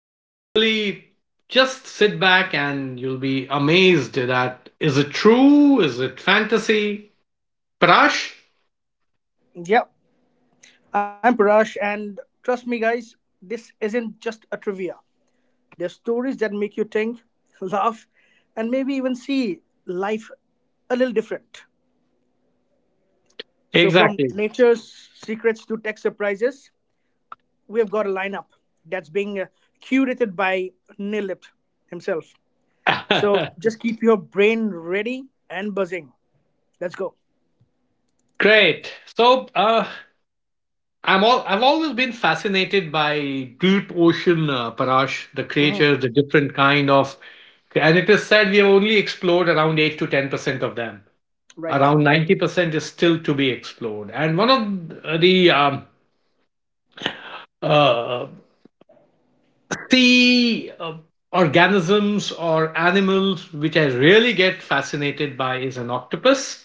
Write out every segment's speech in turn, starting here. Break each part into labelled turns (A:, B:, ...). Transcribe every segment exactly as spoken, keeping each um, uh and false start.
A: You'll really just sit back and you'll be amazed. That is it true? Is it fantasy? Parash?
B: Yeah, I'm Parash, and trust me, guys, this isn't just a trivia. There's stories that make you think, laugh, and maybe even see life a little different. So, from
A: Exactly.
B: nature's secrets to tech surprises, we have got a lineup that's being uh, curated by Neil Lipt himself. So, just keep your brain ready and buzzing. Let's go.
A: Great. So, uh, I'm all, I've always been fascinated by deep ocean, uh, Parash, the creatures, the
B: Hmm.
A: different kind of. Okay, and it is said we have only explored around eight to ten percent of them. Around
B: Right.
A: ninety percent is still to be explored. And one of the um, uh, the uh, organisms or animals which I really get fascinated by is an octopus,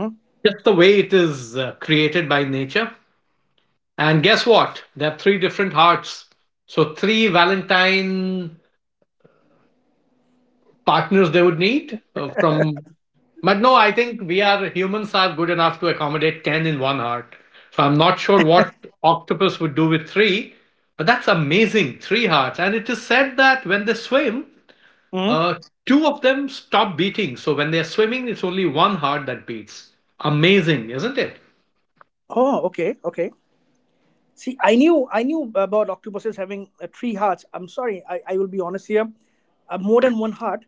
B: Hmm.
A: just the way it is uh, created by nature. And guess what? There are three different hearts. So, three Valentine partners they would need, uh, from. But no, I think we are humans are good enough to accommodate ten in one heart, so I'm not sure what octopus would do with three. But that's amazing, three hearts. And it is said that when they swim,
B: Hmm.
A: uh, two of them stop beating. So when they're swimming, it's only one heart that beats. Amazing, isn't it?
B: Oh, okay, okay. See, I knew I knew about octopuses having uh, three hearts. I'm sorry, I, I will be honest here, uh, more than one heart,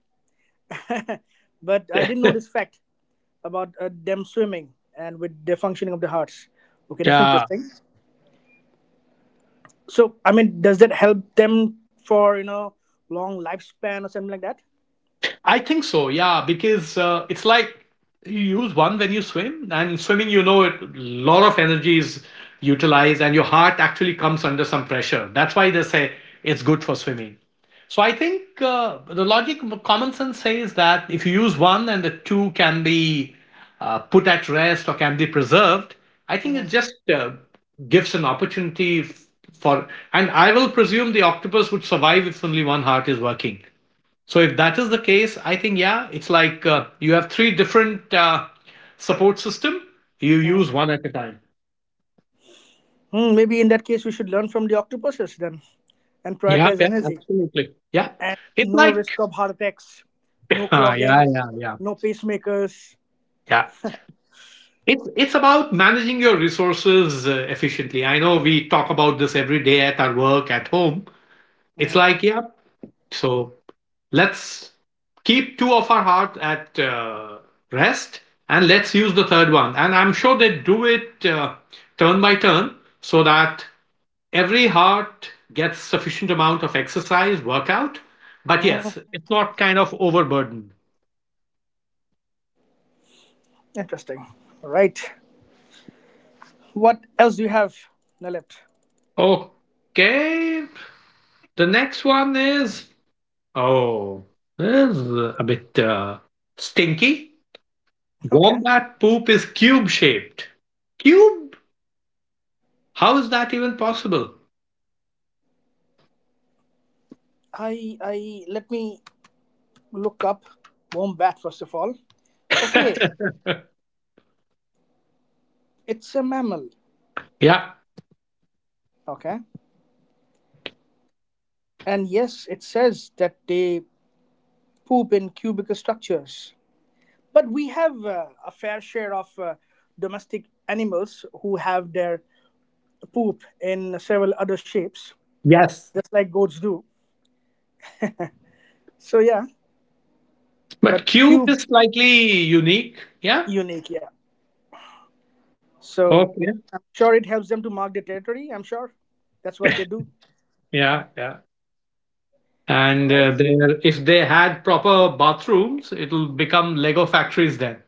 B: but I didn't know this fact about uh, them swimming and with the functioning of the hearts. Okay, that's
A: Yeah,
B: interesting. So, I mean, does that help them for you know long lifespan or something like that?
A: I think so, yeah, because uh, it's like you use one when you swim, and in swimming, you know, a lot of energy is utilized, and your heart actually comes under some pressure. That's why they say it's good for swimming. So I think uh, the logic, common sense says that if you use one and the two can be uh, put at rest or can be preserved, I think it
B: Hmm.
A: just uh, gives an opportunity f- for. And I will presume the octopus would survive if only one heart is working. So if that is the case, I think yeah, it's like uh, you have three different uh, support system. You use one at a time.
B: Hmm, maybe in that case, we should learn from the octopuses then and
A: Yeah,
B: prioritize
A: yeah,
B: energy.
A: absolutely. Yeah,
B: And
A: it's
B: no risk
A: like
B: of heart attacks, no
A: yeah, yeah,
B: clogging,
A: yeah,
B: no pacemakers.
A: yeah. It's it's about managing your resources uh, efficiently. I know we talk about this every day at our work, at home. It's like yeah. So let's keep two of our heart at uh, rest, and let's use the third one. And I'm sure they do it uh, turn by turn so that every heart gets sufficient amount of exercise workout, but
B: Hmm,
A: yes, it's not kind of overburdened.
B: interesting. All right. What else do you have, Nalip?
A: Okay, the next one is, oh, this is a bit uh, stinky.
B: Okay.
A: Wombat poop is cube shaped. Cube. How is that even possible?
B: I, I Let me look up wombat first of all. Okay. It's a mammal.
A: Yeah.
B: Okay. And yes, it says that they poop in cubical structures, but we have uh, a fair share of uh, domestic animals who have their poop in several other shapes,
A: Yes.
B: just like goats do. So yeah, but
A: But cube
B: cube
A: is slightly unique, yeah.
B: unique, yeah. So
A: Okay.
B: I'm sure it helps them to mark their territory. I'm sure that's what they do.
A: Yeah, yeah.
B: All
A: And
B: right,
A: uh, there, if they had proper bathrooms, it'll become Lego factories then.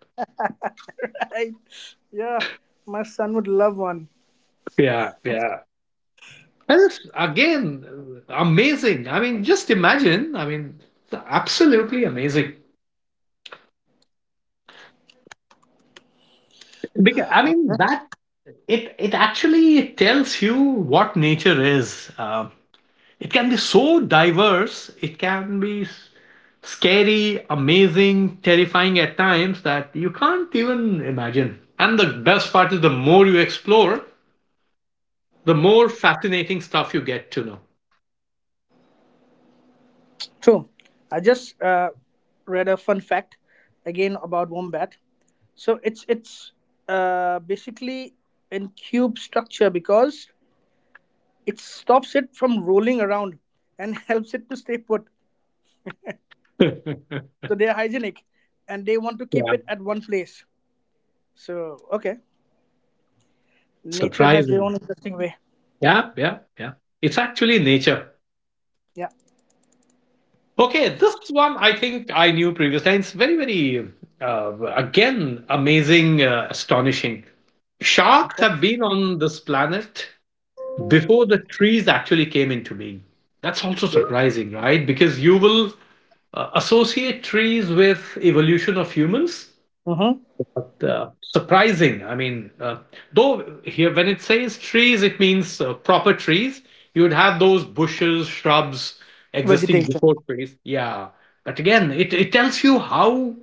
B: right. Yeah, my son would love one.
A: Yeah, yeah. And it's, again, amazing. I mean, just imagine. I mean, absolutely amazing. Because, I mean,
B: Okay.
A: that it it actually tells you what nature is. Um, it can be so diverse. It can be s- scary, amazing, terrifying at times that you can't even imagine. And the best part is the more you explore, the more fascinating stuff you get to know.
B: True. I just uh, read a fun fact again about wombat. So it's it's uh, basically in cube structure because it stops it from rolling around and helps it to stay put. So they're hygienic and they want to keep
A: Yeah.
B: it at one place. So okay, nature has their own
A: Surprising.
B: interesting way.
A: Yeah, yeah, yeah. It's actually nature.
B: Yeah.
A: Okay, this one I think I knew previously. It's very, very, uh, again, amazing, uh, astonishing. Sharks
B: Okay.
A: have been on this planet before the trees actually came into being. That's also surprising, right? Because you will uh, associate trees with evolution of humans.
B: Mm-hmm.
A: But, uh, surprising. I mean, uh, though here when it says trees, it means uh, proper trees. You would have those bushes, shrubs existing
B: Vegetation.
A: before trees. Yeah, but again, it it tells you how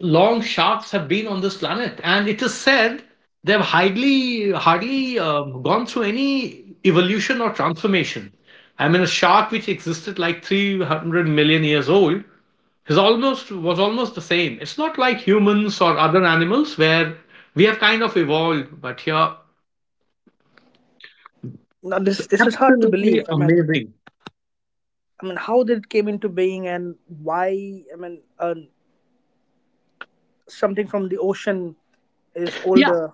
A: long sharks have been on this planet, and it is said they've hardly hardly um, gone through any evolution or transformation. I mean, a shark which existed like three hundred million years old is almost, was almost the same. It's not like humans or other animals where we have kind of evolved, but here
B: Now this this is hard to
A: absolutely
B: believe. I mean,
A: amazing.
B: I mean, how did it came into being and why? I mean, uh, something from the ocean is
A: Yeah.
B: older,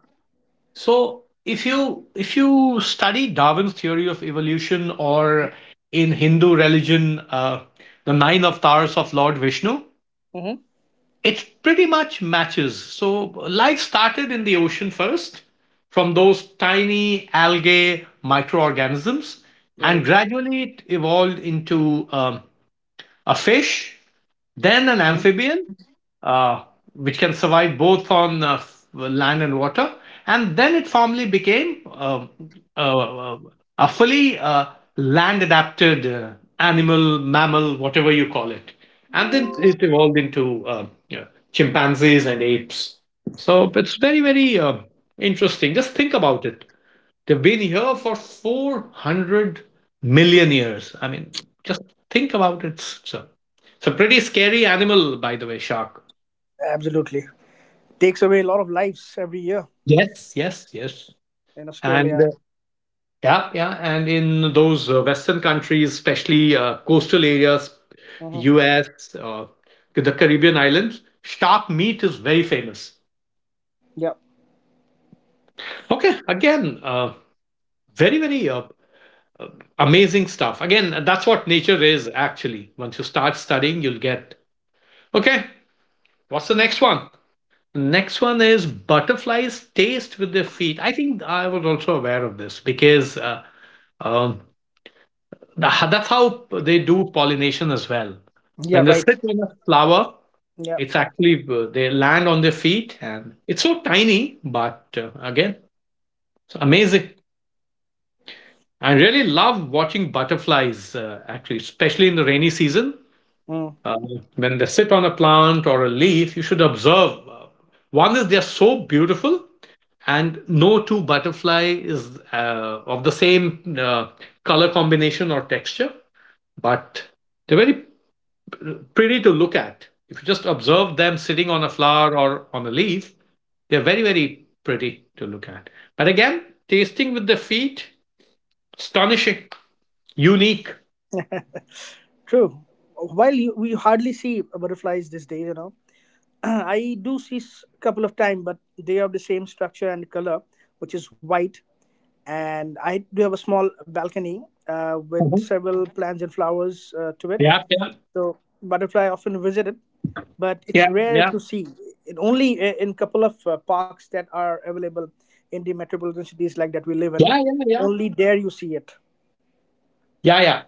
A: So if you if you study Darwin's theory of evolution or in Hindu religion, uh, the nine avatars of Lord Vishnu,
B: hmm,
A: it pretty much matches. So life started in the ocean first, from those tiny algae microorganisms, and
B: right?
A: gradually it evolved into um, a fish, then an
B: Hmm.
A: amphibian, uh, which can survive both on uh, land and water. And then it formally became um, uh, uh, a fully uh, land adapted uh, animal, mammal, whatever you call it. And then it evolved into uh, you know, chimpanzees and apes. So it's very, very uh, interesting. Just think about it. They've been here for four hundred million years. I mean, just think about it. It's a, it's a pretty scary animal, by the way, shark.
B: Absolutely, takes away a lot of lives every year
A: Yes, yes, yes.
B: in
A: And uh,
B: Australia.
A: yeah, yeah. And in those uh, Western countries, especially uh, coastal areas,
B: Hmm.
A: U S, uh, the Caribbean islands, shark meat is very famous.
B: Yeah,
A: Okay, again, uh, very, very uh, amazing stuff. Again, that's what nature is actually. Once you start studying, you'll get. Okay, what's the next one? Next one is butterflies taste with their feet. I think I was also aware of this because uh, um, the- that's how they do pollination as well.
B: yeah,
A: When they
B: right.
A: sit on a flower,
B: Yeah,
A: it's actually uh, they land on their feet, and it's so tiny, but uh, again, it's amazing. I really love watching butterflies, uh, actually, especially in the rainy season.
B: mm,
A: Uh, when they sit on a plant or a leaf, you should observe. Uh, one is they are so beautiful, and no two butterfly is uh, of the same uh, color combination or texture. But they're very pretty to look at if you just observe them sitting on a flower or on a leaf. They're very, very pretty to look at. But again, tasting with the feet, astonishing, unique.
B: true. While you, we hardly see butterflies these days, you know, I do see a couple of time, but they have the same structure and color, which is white, and I do have a small balcony uh, with
A: Mhm.
B: several plants and flowers uh, to it.
A: Yeah, yeah,
B: So butterfly often visited, but
A: yeah,
B: it's rare
A: yeah,
B: to see. It only i- in couple of uh, parks that are available in the metropolitan cities like that we live in.
A: yeah, yeah, yeah,
B: Only there you see it.
A: yeah, yeah.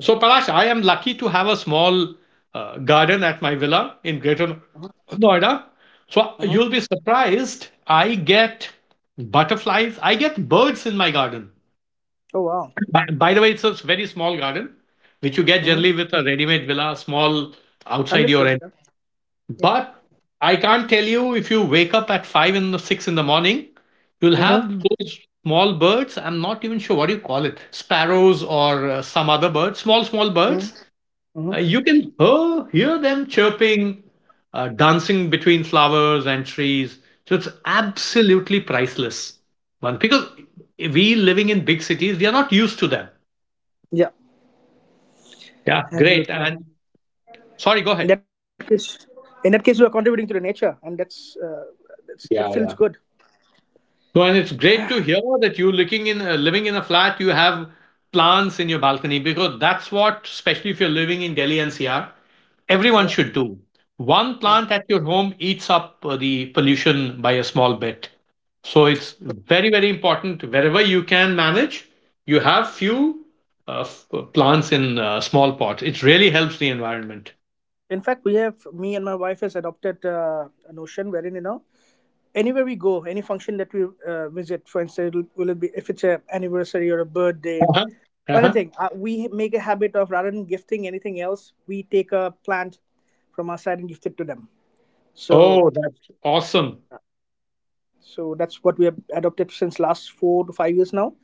A: So, Parash, I am lucky to have a small uh, garden at my villa in Greater Noida. So, you'll be
B: Hmm.
A: surprised. I get butterflies, I get birds in my garden.
B: Oh wow.
A: By, by the way, it's a very small garden, which you get generally
B: Hmm.
A: with a ready made villa, small outside your end.
B: Understood. Yeah. Yeah.
A: But I can't tell you if you wake up at five in the six in the morning, you'll have
B: Hmm.
A: those small birds. I'm not even sure what you call it, sparrows or uh, some other birds, small, small birds uh, you
B: Hmm.
A: can hear, hear them chirping, uh, dancing between flowers and trees. So it's absolutely priceless. One, because we living in big cities, we are not used to them.
B: Yeah.
A: Yeah, great. And
B: Absolutely.
A: sorry, go ahead.
B: In that case, in that case, you are contributing to the nature, and that's uh, that's
A: Yeah,
B: that
A: yeah.
B: feels good.
A: So and it's great to hear that you looking in uh, living in a flat. You have plants in your balcony because that's what, especially if you're living in Delhi N C R, everyone
B: Yeah.
A: should do. One plant at
B: Absolutely.
A: your home eats up uh, the pollution by a small bit. So it's very, very important wherever you can manage, you have few uh, f- uh, plants in uh, small pots. It really helps the environment.
B: In fact, we have me and my wife has adopted uh, a notion wherein you know anywhere we go, any function that we uh, visit, for instance, it'll, will it be if it's a anniversary or a birthday
A: Uh-huh.
B: or
A: Uh-huh.
B: anything, uh, we make a habit of rather than gifting anything else, we take a plant from our side and gift it to them. So,
A: Oh, that's awesome.
B: so that's what we have adopted since last four to five years now,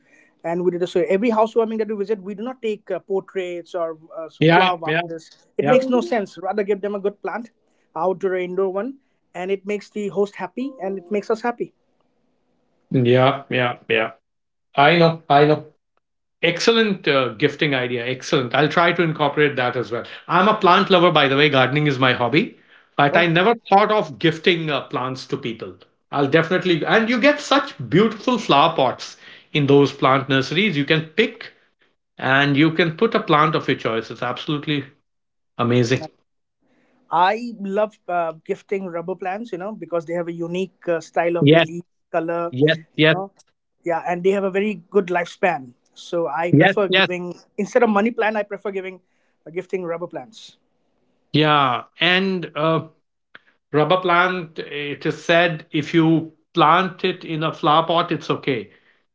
B: and we did this. So every housewarming that we visit, we do not take uh, portraits or uh, so
A: Yeah,
B: flower
A: yeah,
B: vases. It
A: yeah,
B: makes no sense. Rather give them a good plant, outdoor or indoor one, and it makes the host happy and it makes us happy.
A: yeah, yeah, yeah. I know, I know. Excellent uh, gifting idea. Excellent. I'll try to incorporate that as well. I'm a plant lover, by the way. Gardening is my hobby, but I
B: Oh.
A: never thought of gifting uh, plants to people. I'll definitely, and you get such beautiful flower pots in those plant nurseries. You can pick and you can put a plant of your choice. It's absolutely amazing.
B: I love uh, gifting rubber plants, you know, because they have a unique uh, style of the
A: Yes,
B: leaf color,
A: yes,
B: you
A: yes,
B: know. Yeah, and they have a very good lifespan. So I
A: yes,
B: prefer
A: yes.
B: giving instead of money plant, I prefer giving uh, gifting rubber plants.
A: Yeah, and uh, rubber plant, it is said if you plant it in a flower pot, it's okay.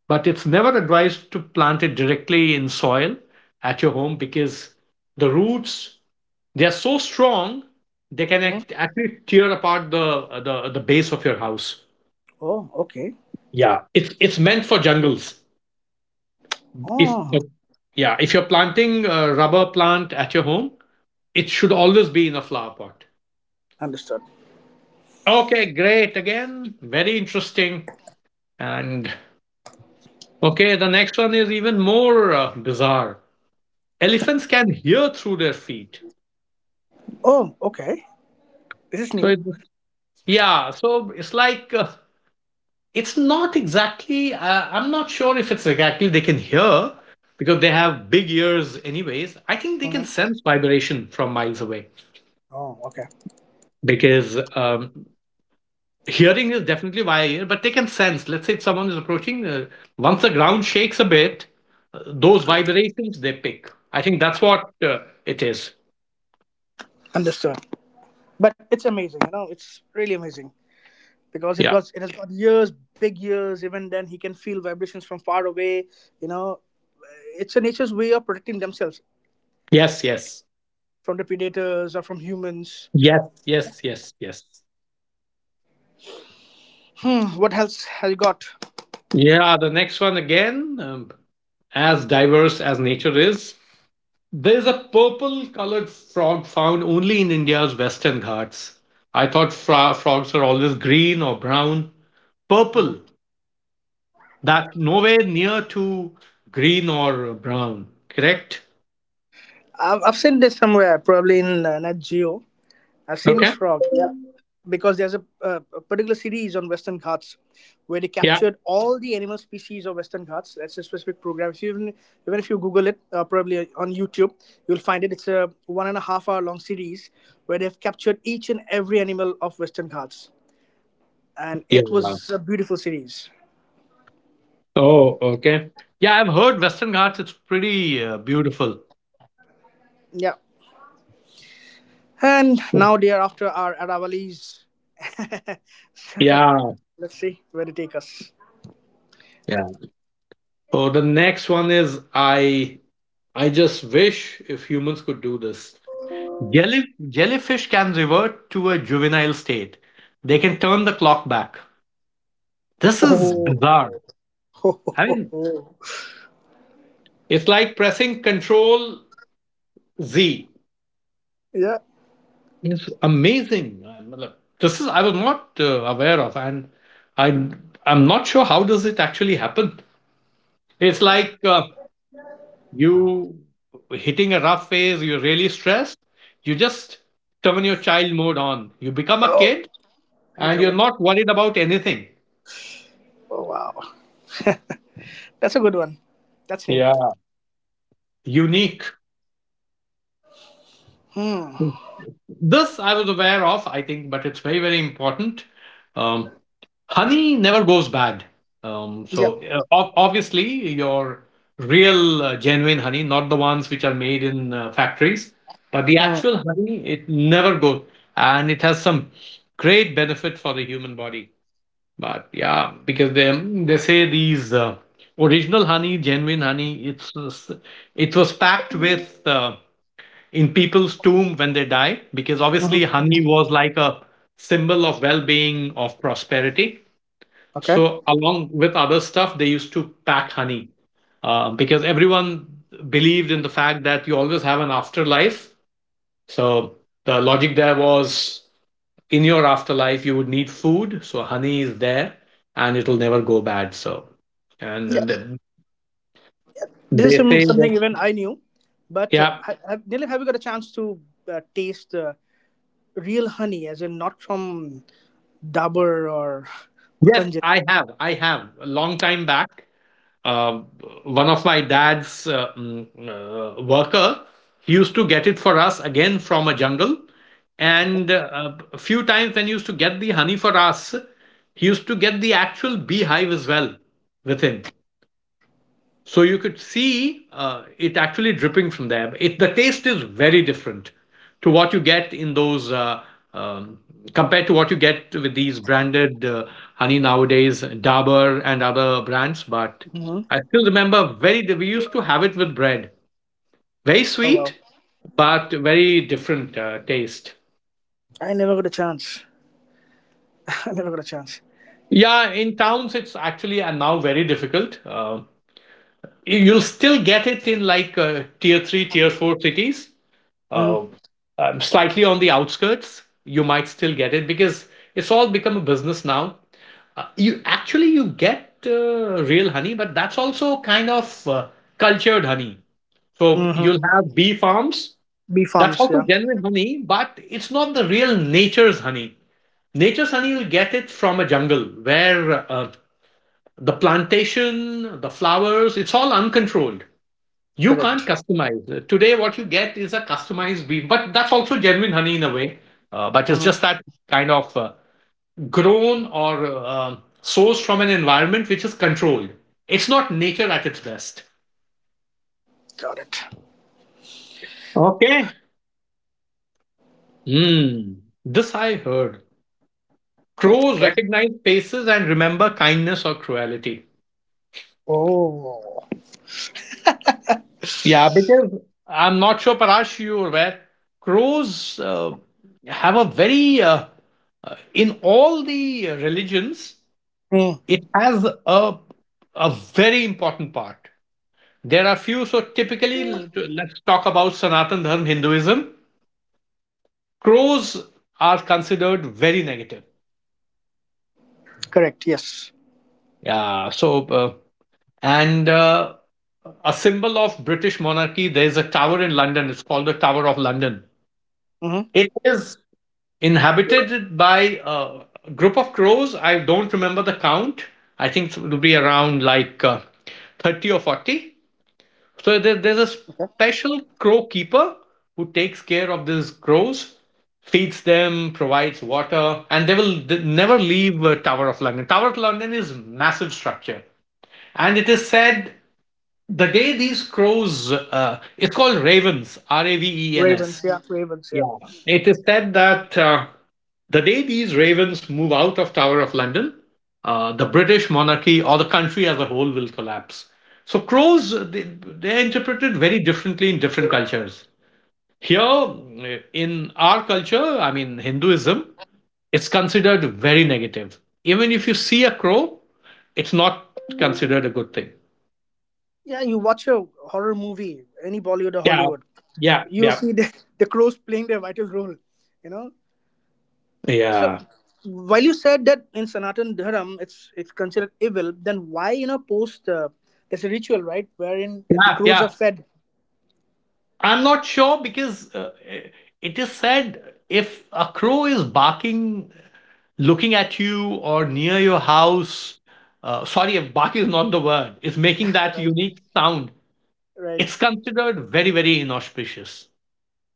A: But it's never advised to plant it directly in soil at your home because the roots, they are so strong, they can
B: Mm.
A: act, actually tear apart the, the the base of your house.
B: Oh, okay.
A: Yeah, it's it's meant for jungles. If
B: Oh,
A: but yeah, if you're planting a rubber plant at your home, it should always be in a flower pot.
B: understood.
A: Okay, great. Again, very interesting. And okay, the next one is even more uh, bizarre. Elephants can hear through their feet.
B: Oh, okay. This is
A: So
B: new.
A: it, yeah, so it's like uh, it's not exactly. Uh, I'm not sure if it's exactly they can hear because they have big ears. Anyways, I think they can
B: Mhm.
A: sense vibration from miles away
B: Oh, okay.
A: because um, hearing is definitely via ear, but they can sense. Let's say if someone is approaching, uh, once the ground shakes a bit, uh, those vibrations they pick. I think that's what uh, it is.
B: Understood. But it's amazing, you know, it's really amazing because it
A: Yeah.
B: got it has got years, big years. Even then, he can feel vibrations from far away. You know, it's a nature's way of protecting themselves
A: Yes. Yes.
B: from the predators or from humans.
A: Yes, yes, yes, yes.
B: Hmm, what else have you got?
A: Yeah, the next one again, um, as diverse as nature is, there's a purple colored frog found only in India's Western Ghats. I thought fro- frogs are always green or brown.
B: Mhm.
A: Purple, that's nowhere near to green or brown, correct?
B: I've, I've seen this somewhere, probably in uh, Nat Geo. I've seen this
A: Okay.
B: frog. Yeah. Because there's a, uh, a particular series on Western Ghats where they
A: Yeah.
B: captured all the animal species of Western Ghats. That's a specific program. If you even, even if you Google it, uh, probably on YouTube, you'll find it. It's a one and a half hour long series where they've captured each and every animal of Western Ghats. And
A: Yeah.
B: it was a beautiful series.
A: Oh, okay. Yeah, I've heard Western Ghats, it's pretty uh, beautiful.
B: Yeah. And now, dear, after our arrival is. So
A: Yeah.
B: let's see where it take us.
A: Yeah. So the next one is, I I just wish if humans could do this. Jelly, jellyfish can revert to a juvenile state. They can turn the clock back. This is
B: Oh,
A: bizarre. I mean, it's like pressing Control Z.
B: yeah.
A: It's amazing. I- matlab, This is I was not uh, aware of, and I I'm not sure how does it actually happen. It's like uh, you hitting a rough phase. You're really stressed. You just turn your child mode on. You become a
B: Oh,
A: kid, and
B: become
A: you're
B: a kid.
A: not worried about anything.
B: Oh, wow. That's a good one. That's new.
A: Yeah, unique.
B: Hmm.
A: This I was aware of, I think, but it's very, very important. Um, Honey never goes bad. Um,
B: Yep.
A: so uh, ob- obviously, your real uh, genuine honey, not the ones which are made in uh, factories, but the
B: Mm.
A: actual honey, it never goes, and it has some great benefit for the human body. But yeah, because they they say these uh, original honey, genuine honey, it's it's- it was packed with uh, in people's tomb when they die, because obviously
B: Hmm.
A: honey was like a symbol of well-being, of prosperity.
B: Okay.
A: So along with other stuff, they used to pack honey uh, because everyone believed in the fact that you always have an afterlife. So the logic there was, in your afterlife you would need food, so honey is there and it'll never go bad. So and then
B: Yes.
A: the-
B: This is
A: they
B: some,
A: say
B: something
A: that,
B: even I knew, but
A: yeah,
B: um, ha- have, Dilip, have you got a chance to uh, taste uh, real honey, as in not from Dabur or
A: yes,
B: Patanjali?
A: i have i have a long time back. uh, One of my dad's uh, mm, uh, worker, he used to get it for us again from a jungle, and uh, a few times when he used to get the honey for us, he used to get the actual beehive as well with him. So you could see uh, it actually dripping from there. It The taste is very different to what you get in those uh, um, compared to what you get with these branded uh, honey nowadays, Dabur and other brands. But
B: Hmm.
A: I still remember, very we used to have it with bread, very
B: Oh
A: sweet,
B: wow,
A: but very different uh, taste.
B: I never got a chance. I never got a chance.
A: Yeah, in towns it's actually uh, now very difficult. Uh, you'll still get it in like uh, tier three, tier four cities, uh, um, slightly on the outskirts, you might still get it, because it's all become a business now. Uh, you actually you get uh, real honey, but that's also kind of uh, cultured honey. So
B: Mm-hmm.
A: you'll have bee farms.
B: B
A: That's
B: farms, yeah,
A: also genuine honey, but it's not the real nature's honey. Nature's honey, you'll get it from a jungle where uh, the plantation, the flowers, it's all uncontrolled, you
B: correct.
A: can't customize. Today, what you get is a customized beef, but that's also genuine honey in a way. Uh, but it's
B: Hmm.
A: just that kind of uh, grown or uh, sourced from an environment which is controlled. It's not nature at its best.
B: Got it.
A: Okay. Hmm. This I heard. Crows
B: Okay.
A: recognize faces and remember kindness or cruelty.
B: Oh.
A: Yeah, because I'm not sure, Parash, you're aware. Crows uh, have a very, uh, uh, in all the uh, religions,
B: Mm,
A: it has a a very important part. There are few. So typically, let's talk about Sanatan Dharma Hinduism. Crows are considered very negative.
B: correct. Yes.
A: Yeah. So uh, and uh, a symbol of British monarchy. There is a tower in London. It's called the Tower of London.
B: Hmm.
A: It is inhabited by uh, a group of crows. I don't remember the count. I think it would be around like uh, thirty or forty. So there, there's a
B: Okay.
A: special crow keeper who takes care of these crows, feeds them, provides water, and they will th- never leave uh, Tower of London. Tower of London is massive structure, and it is said the day these crows, uh, it's called ravens, R A V E N S.
B: Ravens, yeah, Ravens, yeah.
A: Yeah. It is said that uh, the day these ravens move out of Tower of London, uh, the British monarchy or the country as a whole will collapse. So crows, uh, they, they're interpreted very differently in different cultures. Here, uh, in our culture, I mean Hinduism, it's considered very negative. Even if you see a crow, it's not considered a good thing.
B: Yeah, you watch a horror movie, any Bollywood or
A: Yeah,
B: Hollywood,
A: yeah,
B: you'll
A: yeah,
B: see the, the crows playing their vital role. You know. So
A: yeah,
B: while you said that in Sanatan Dharam it's it's considered evil, then why you know post uh, there's a ritual right wherein the
A: yeah,
B: crows are
A: yeah.
B: fed.
A: I'm not sure because uh, it is said, if a crow is barking, looking at you or near your house, uh, sorry, if bark is not the word, it's making that
B: Right.
A: unique sound, it's
B: Right.
A: considered very, very inauspicious.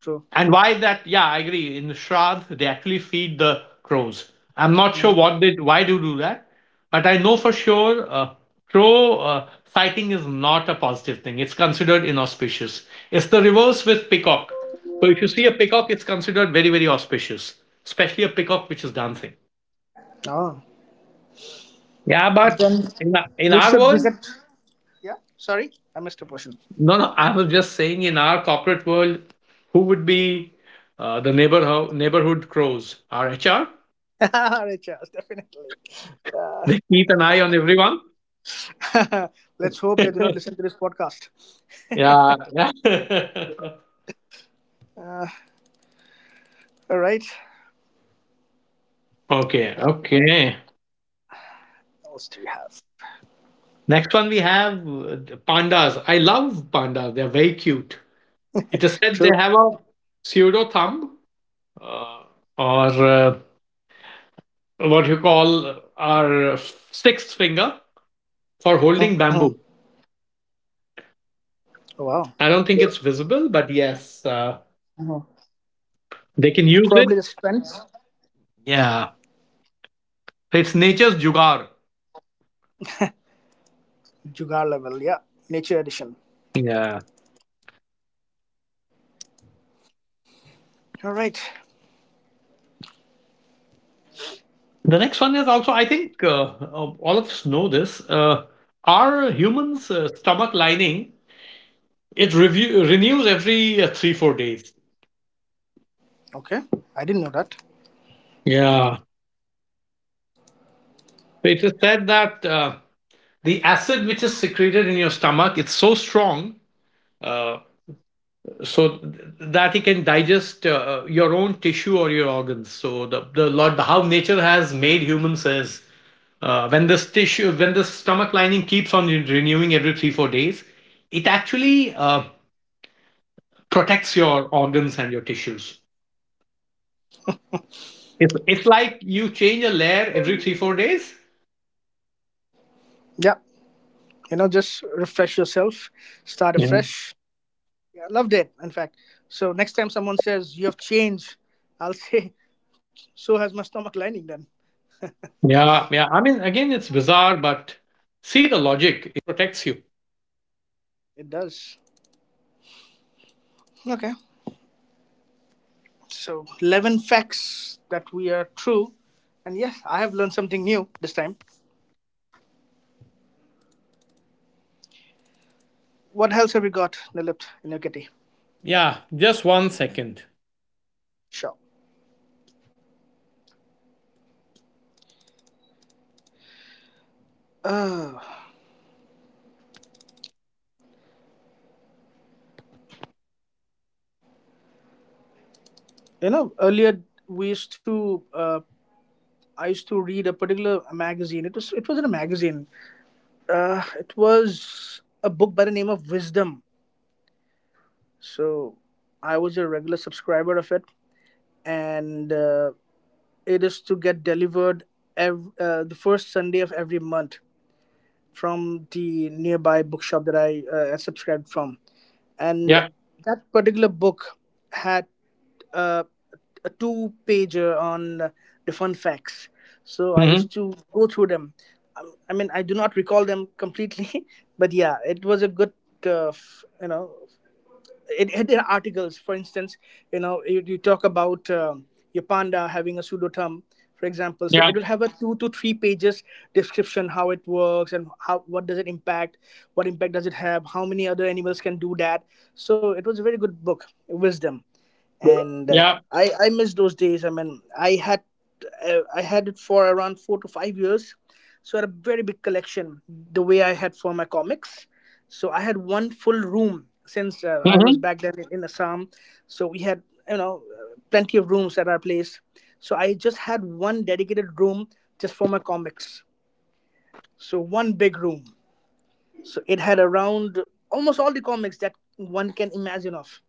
B: True.
A: And why that? Yeah, I agree. In Shraddh, they actually feed the crows. I'm not sure
B: Mm-hmm.
A: what they why they do that, but I know for sure uh, crow uh, sighting is not a positive thing. It's considered inauspicious. It's the reverse with peacock. So if you see a peacock, it's considered very, very auspicious, especially a peacock which is dancing.
B: Oh,
A: Yeah, but
B: and
A: in our, in
B: we
A: our
B: should
A: world,
B: visit. Yeah, sorry, I missed a portion.
A: no, no. I was just saying, in our corporate world, who would be uh, the neighbor neighborhood crows? Our H R.
B: Alright, Charles, definitely.
A: They keep an eye on everyone.
B: Let's hope they do not listen to this podcast.
A: Yeah, yeah.
B: All right.
A: Okay.
B: What
A: Okay.
B: else do you have?
A: Next one we have uh, pandas. I love pandas. They're very cute. It is said they
B: True.
A: have a pseudo thumb uh, or uh, what you call our sixth finger for
B: Hmm.
A: holding bamboo.
B: Wow.
A: I don't think it's visible, but yes, uh,
B: Mhm.
A: they can
B: Probably
A: use
B: the
A: it.
B: strength,
A: Yeah. It's nature's jugar.
B: jugar level. Yeah, nature edition.
A: Yeah.
B: All right.
A: The next one is also, I think, uh, um, all of us know this. Uh, our humans' uh, stomach lining, it review, renews every uh, three four days.
B: Okay. I didn't know that.
A: Yeah, so it is said that uh, the acid which is secreted in your stomach, it's so strong, uh, so th- that it can digest uh, uh, your own tissue or your organs. So the the, lot, the how nature has made humans is, uh, when this tissue, when the stomach lining keeps on re- renewing every three four days, it actually uh, protects your organs and your tissues. It's, it's like you change a layer every three, four days.
B: Yeah. You know, just refresh yourself, start
A: Yeah.
B: afresh. Yeah, loved it. In fact, so next time someone says you have changed, I'll say so has my stomach lining. Then
A: Yeah, yeah. I mean, again, it's bizarre, but
B: it does. Okay. So eleven facts that we are true. And yes, I have learned something new this time. What else have you got, Nilip, in your kitty? Sure. Uh, you know, earlier we used to, uh, I used to read a particular magazine. It was, it was in a magazine. Uh, it was a book by the name of Wisdom. So I was a regular subscriber of it, and uh, it is to get delivered ev- uh, the first Sunday of every month from the nearby bookshop that I uh, subscribed from, and
A: yeah.
B: that particular book had uh, a two pager on the fun facts. So I
A: Mm-hmm.
B: used to go through them. I I mean, I do not recall them completely, but yeah, it was a good, uh, f- you know, it had articles, for instance, you know, you, you talk about um, your panda having a pseudoterm, for example. So
A: Yeah.
B: it will have a two to three pages description, how it works and how what does it impact, what impact does it have, how many other animals can do that. So it was a very good book, Wisdom. And uh,
A: Yeah.
B: I I miss those days. I mean, I had uh, I had it for around four to five years, so I had a very big collection. The way I had for my comics, so I had one full room since uh, I was
A: Mm-hmm.
B: back then in Assam. So we had you know uh, plenty of rooms at our place. So I just had one dedicated room just for my comics. So one big room. So it had around almost all the comics that one can imagine of.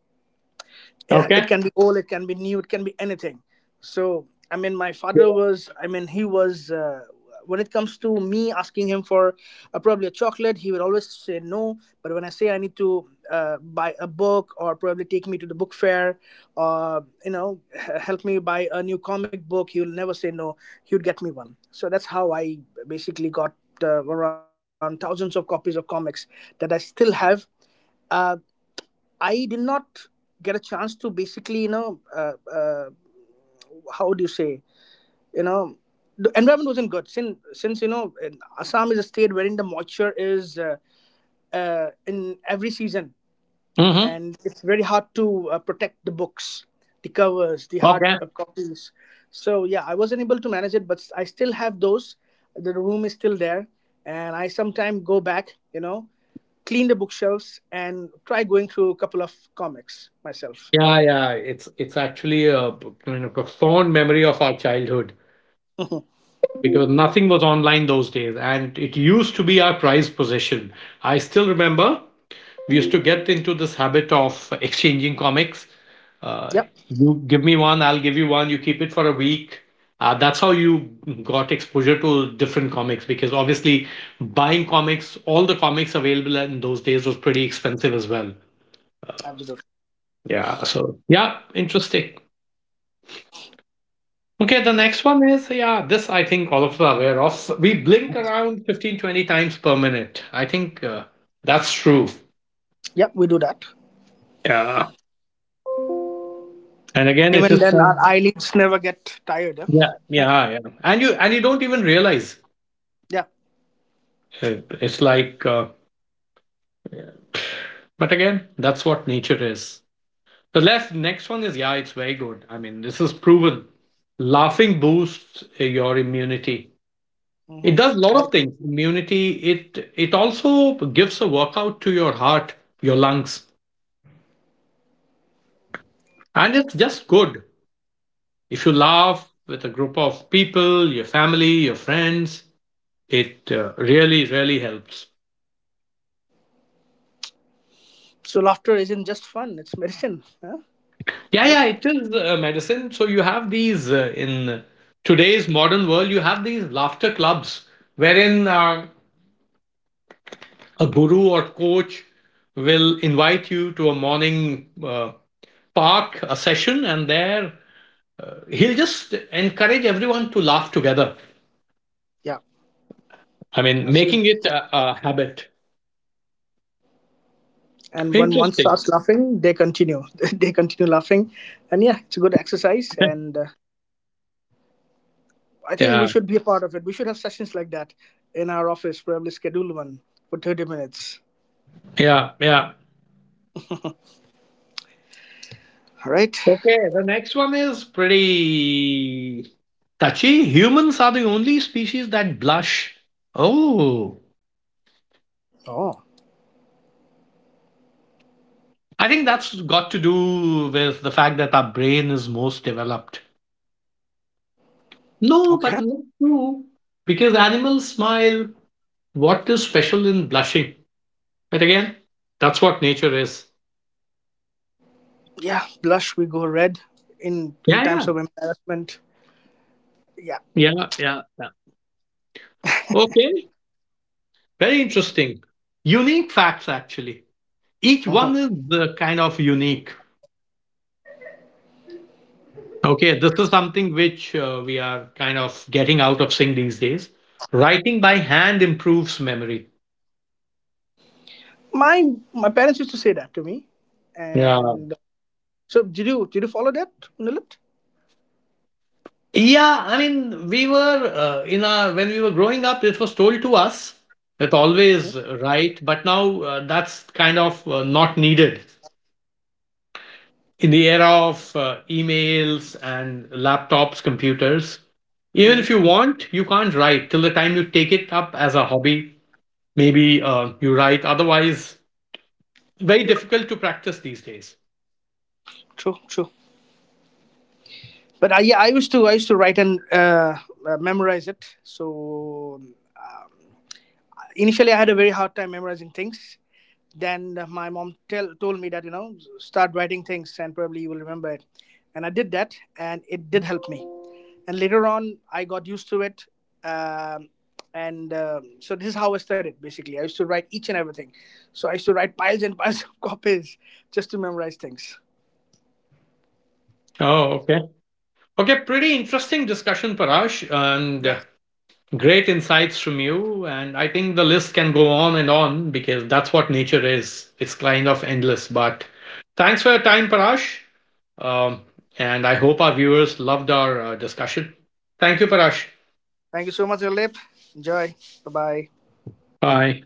B: it, it
A: Okay.
B: can be old, it can be new, it can be anything. So I mean my father was, I mean he was uh, when it comes to me asking him for uh, probably a chocolate, he would always say no. But when I say I need to uh, buy a book or probably take me to the book fair, or you know h- help me buy a new comic book, he will never say no. He would get me one. So that's how I basically got uh, around thousands of copies of comics that I still have. Uh, I did not get a chance to basically, you know, uh, uh, how do you say, you know, the environment wasn't good, since since you know in Assam is a state wherein the moisture is uh, uh, in every season,
A: Mm-hmm.
B: and it's very hard to uh, protect the books, the covers, the hard
A: Okay.
B: uh, copies. So yeah, I wasn't able to manage it, but I still have those. The room is still there, and I sometimes go back, you know, clean the bookshelves and try going through a couple of comics myself.
A: Yeah, yeah. It's it's actually a p- kind of a fond memory of our childhood,
B: Mhm.
A: because nothing was online those days, and it used to be our prized possession. I still remember we used to get into this habit of exchanging comics. Uh,
B: Yep,
A: you give me one, I'll give you one. You keep it for a week. Uh, that's how you got exposure to different comics, because obviously buying comics, all the comics available in those days was pretty expensive as well.
B: absolutely.
A: Yeah. So yeah, interesting. Okay, the next one is, yeah, this I think all of us are aware of. We blink around fifteen twenty times per minute. I think uh, that's true.
B: Yep, we do that.
A: Yeah. And again, it
B: Even
A: is
B: then, our
A: said.
B: eyelids never get tired. Yeah.
A: Yeah, yeah, ah, yeah. And you and you don't even realize.
B: Yeah.
A: It- It's like, uh, yeah. But again, that's what nature is. The left next one is, yeah, it's very good. I mean, this is proven. Laughing boosts your immunity.
B: Hmm.
A: It does a lot
B: I,
A: of things. Immunity. It it also gives a workout to your heart, your lungs, and it's just good. If you laugh with a group of people, your family, your friends, it uh, really, really helps.
B: so laughter isn't just fun; it's medicine. Huh?
A: Yeah,
B: Look,
A: yeah, it is uh, medicine. So you have these uh, in today's modern world, you have these laughter clubs wherein uh, a guru or coach will invite you to a morning uh, park, a session, and there he'll just encourage everyone to laugh together.
B: yeah,
A: I mean,
B: I've seen.
A: making it a, a habit.
B: And when one
A: Interesting.
B: starts laughing, they continue. They continue laughing, and yeah, it's a good exercise. And uh, I think we
A: Yeah,
B: should be a part of it. We should have sessions like that in our office. Probably schedule one for thirty minutes.
A: yeah, yeah.
B: All right.
A: Okay, the next one is pretty touchy. Humans are the only species that blush. Oh,
B: Oh,
A: I think that's got to do with the fact that our brain is most developed. No,
B: okay.
A: but not true. Because animals smile. What is special in blushing? But again, that's what nature is.
B: Yeah, blush. We go red in in times
A: Yeah,
B: of embarrassment. Yeah.
A: yeah, yeah, yeah, yeah. Okay, very interesting. Unique facts, actually. Each one
B: Hmm.
A: is uh, kind of unique. Okay, this is something which uh, we are kind of getting out of sync these days. Writing by hand improves memory.
B: My my parents used to say that to me,
A: Yeah.
B: and so did you did you follow that, Nilit?
A: Yeah, I mean, we were uh, in our when we were growing up, it was told to us that
B: Mhm.
A: always write, but now uh, that's kind of uh, not needed. In the era of uh, emails and laptops, computers, even
B: Mm,
A: if you want, you can't write till the time you take it up as a hobby. Maybe uh, you write, otherwise, very difficult to practice these days.
B: true, true. But I yeah I used to I used to write and uh, uh, memorize it. So um, initially, I had a very hard time memorizing things. Then uh, my mom tell, told me that, you know, start writing things and probably you will remember it. And I did that and it did help me. And later on, I got used to it. Um, and um, so this is how I studied basically. I used to write each and everything. So I used to write piles and piles of copies just to memorize things.
A: Oh, okay. Okay, pretty interesting discussion, Parash, and uh,
B: Yeah.
A: great insights from you. And I think the list can go on and on, because that's what nature is. It's kind of endless. But thanks for your time, Parash. Um, and I hope our viewers loved our uh, discussion. Thank you, Parash.
B: Thank you so much, Alip. Enjoy. Bye bye.
A: Bye.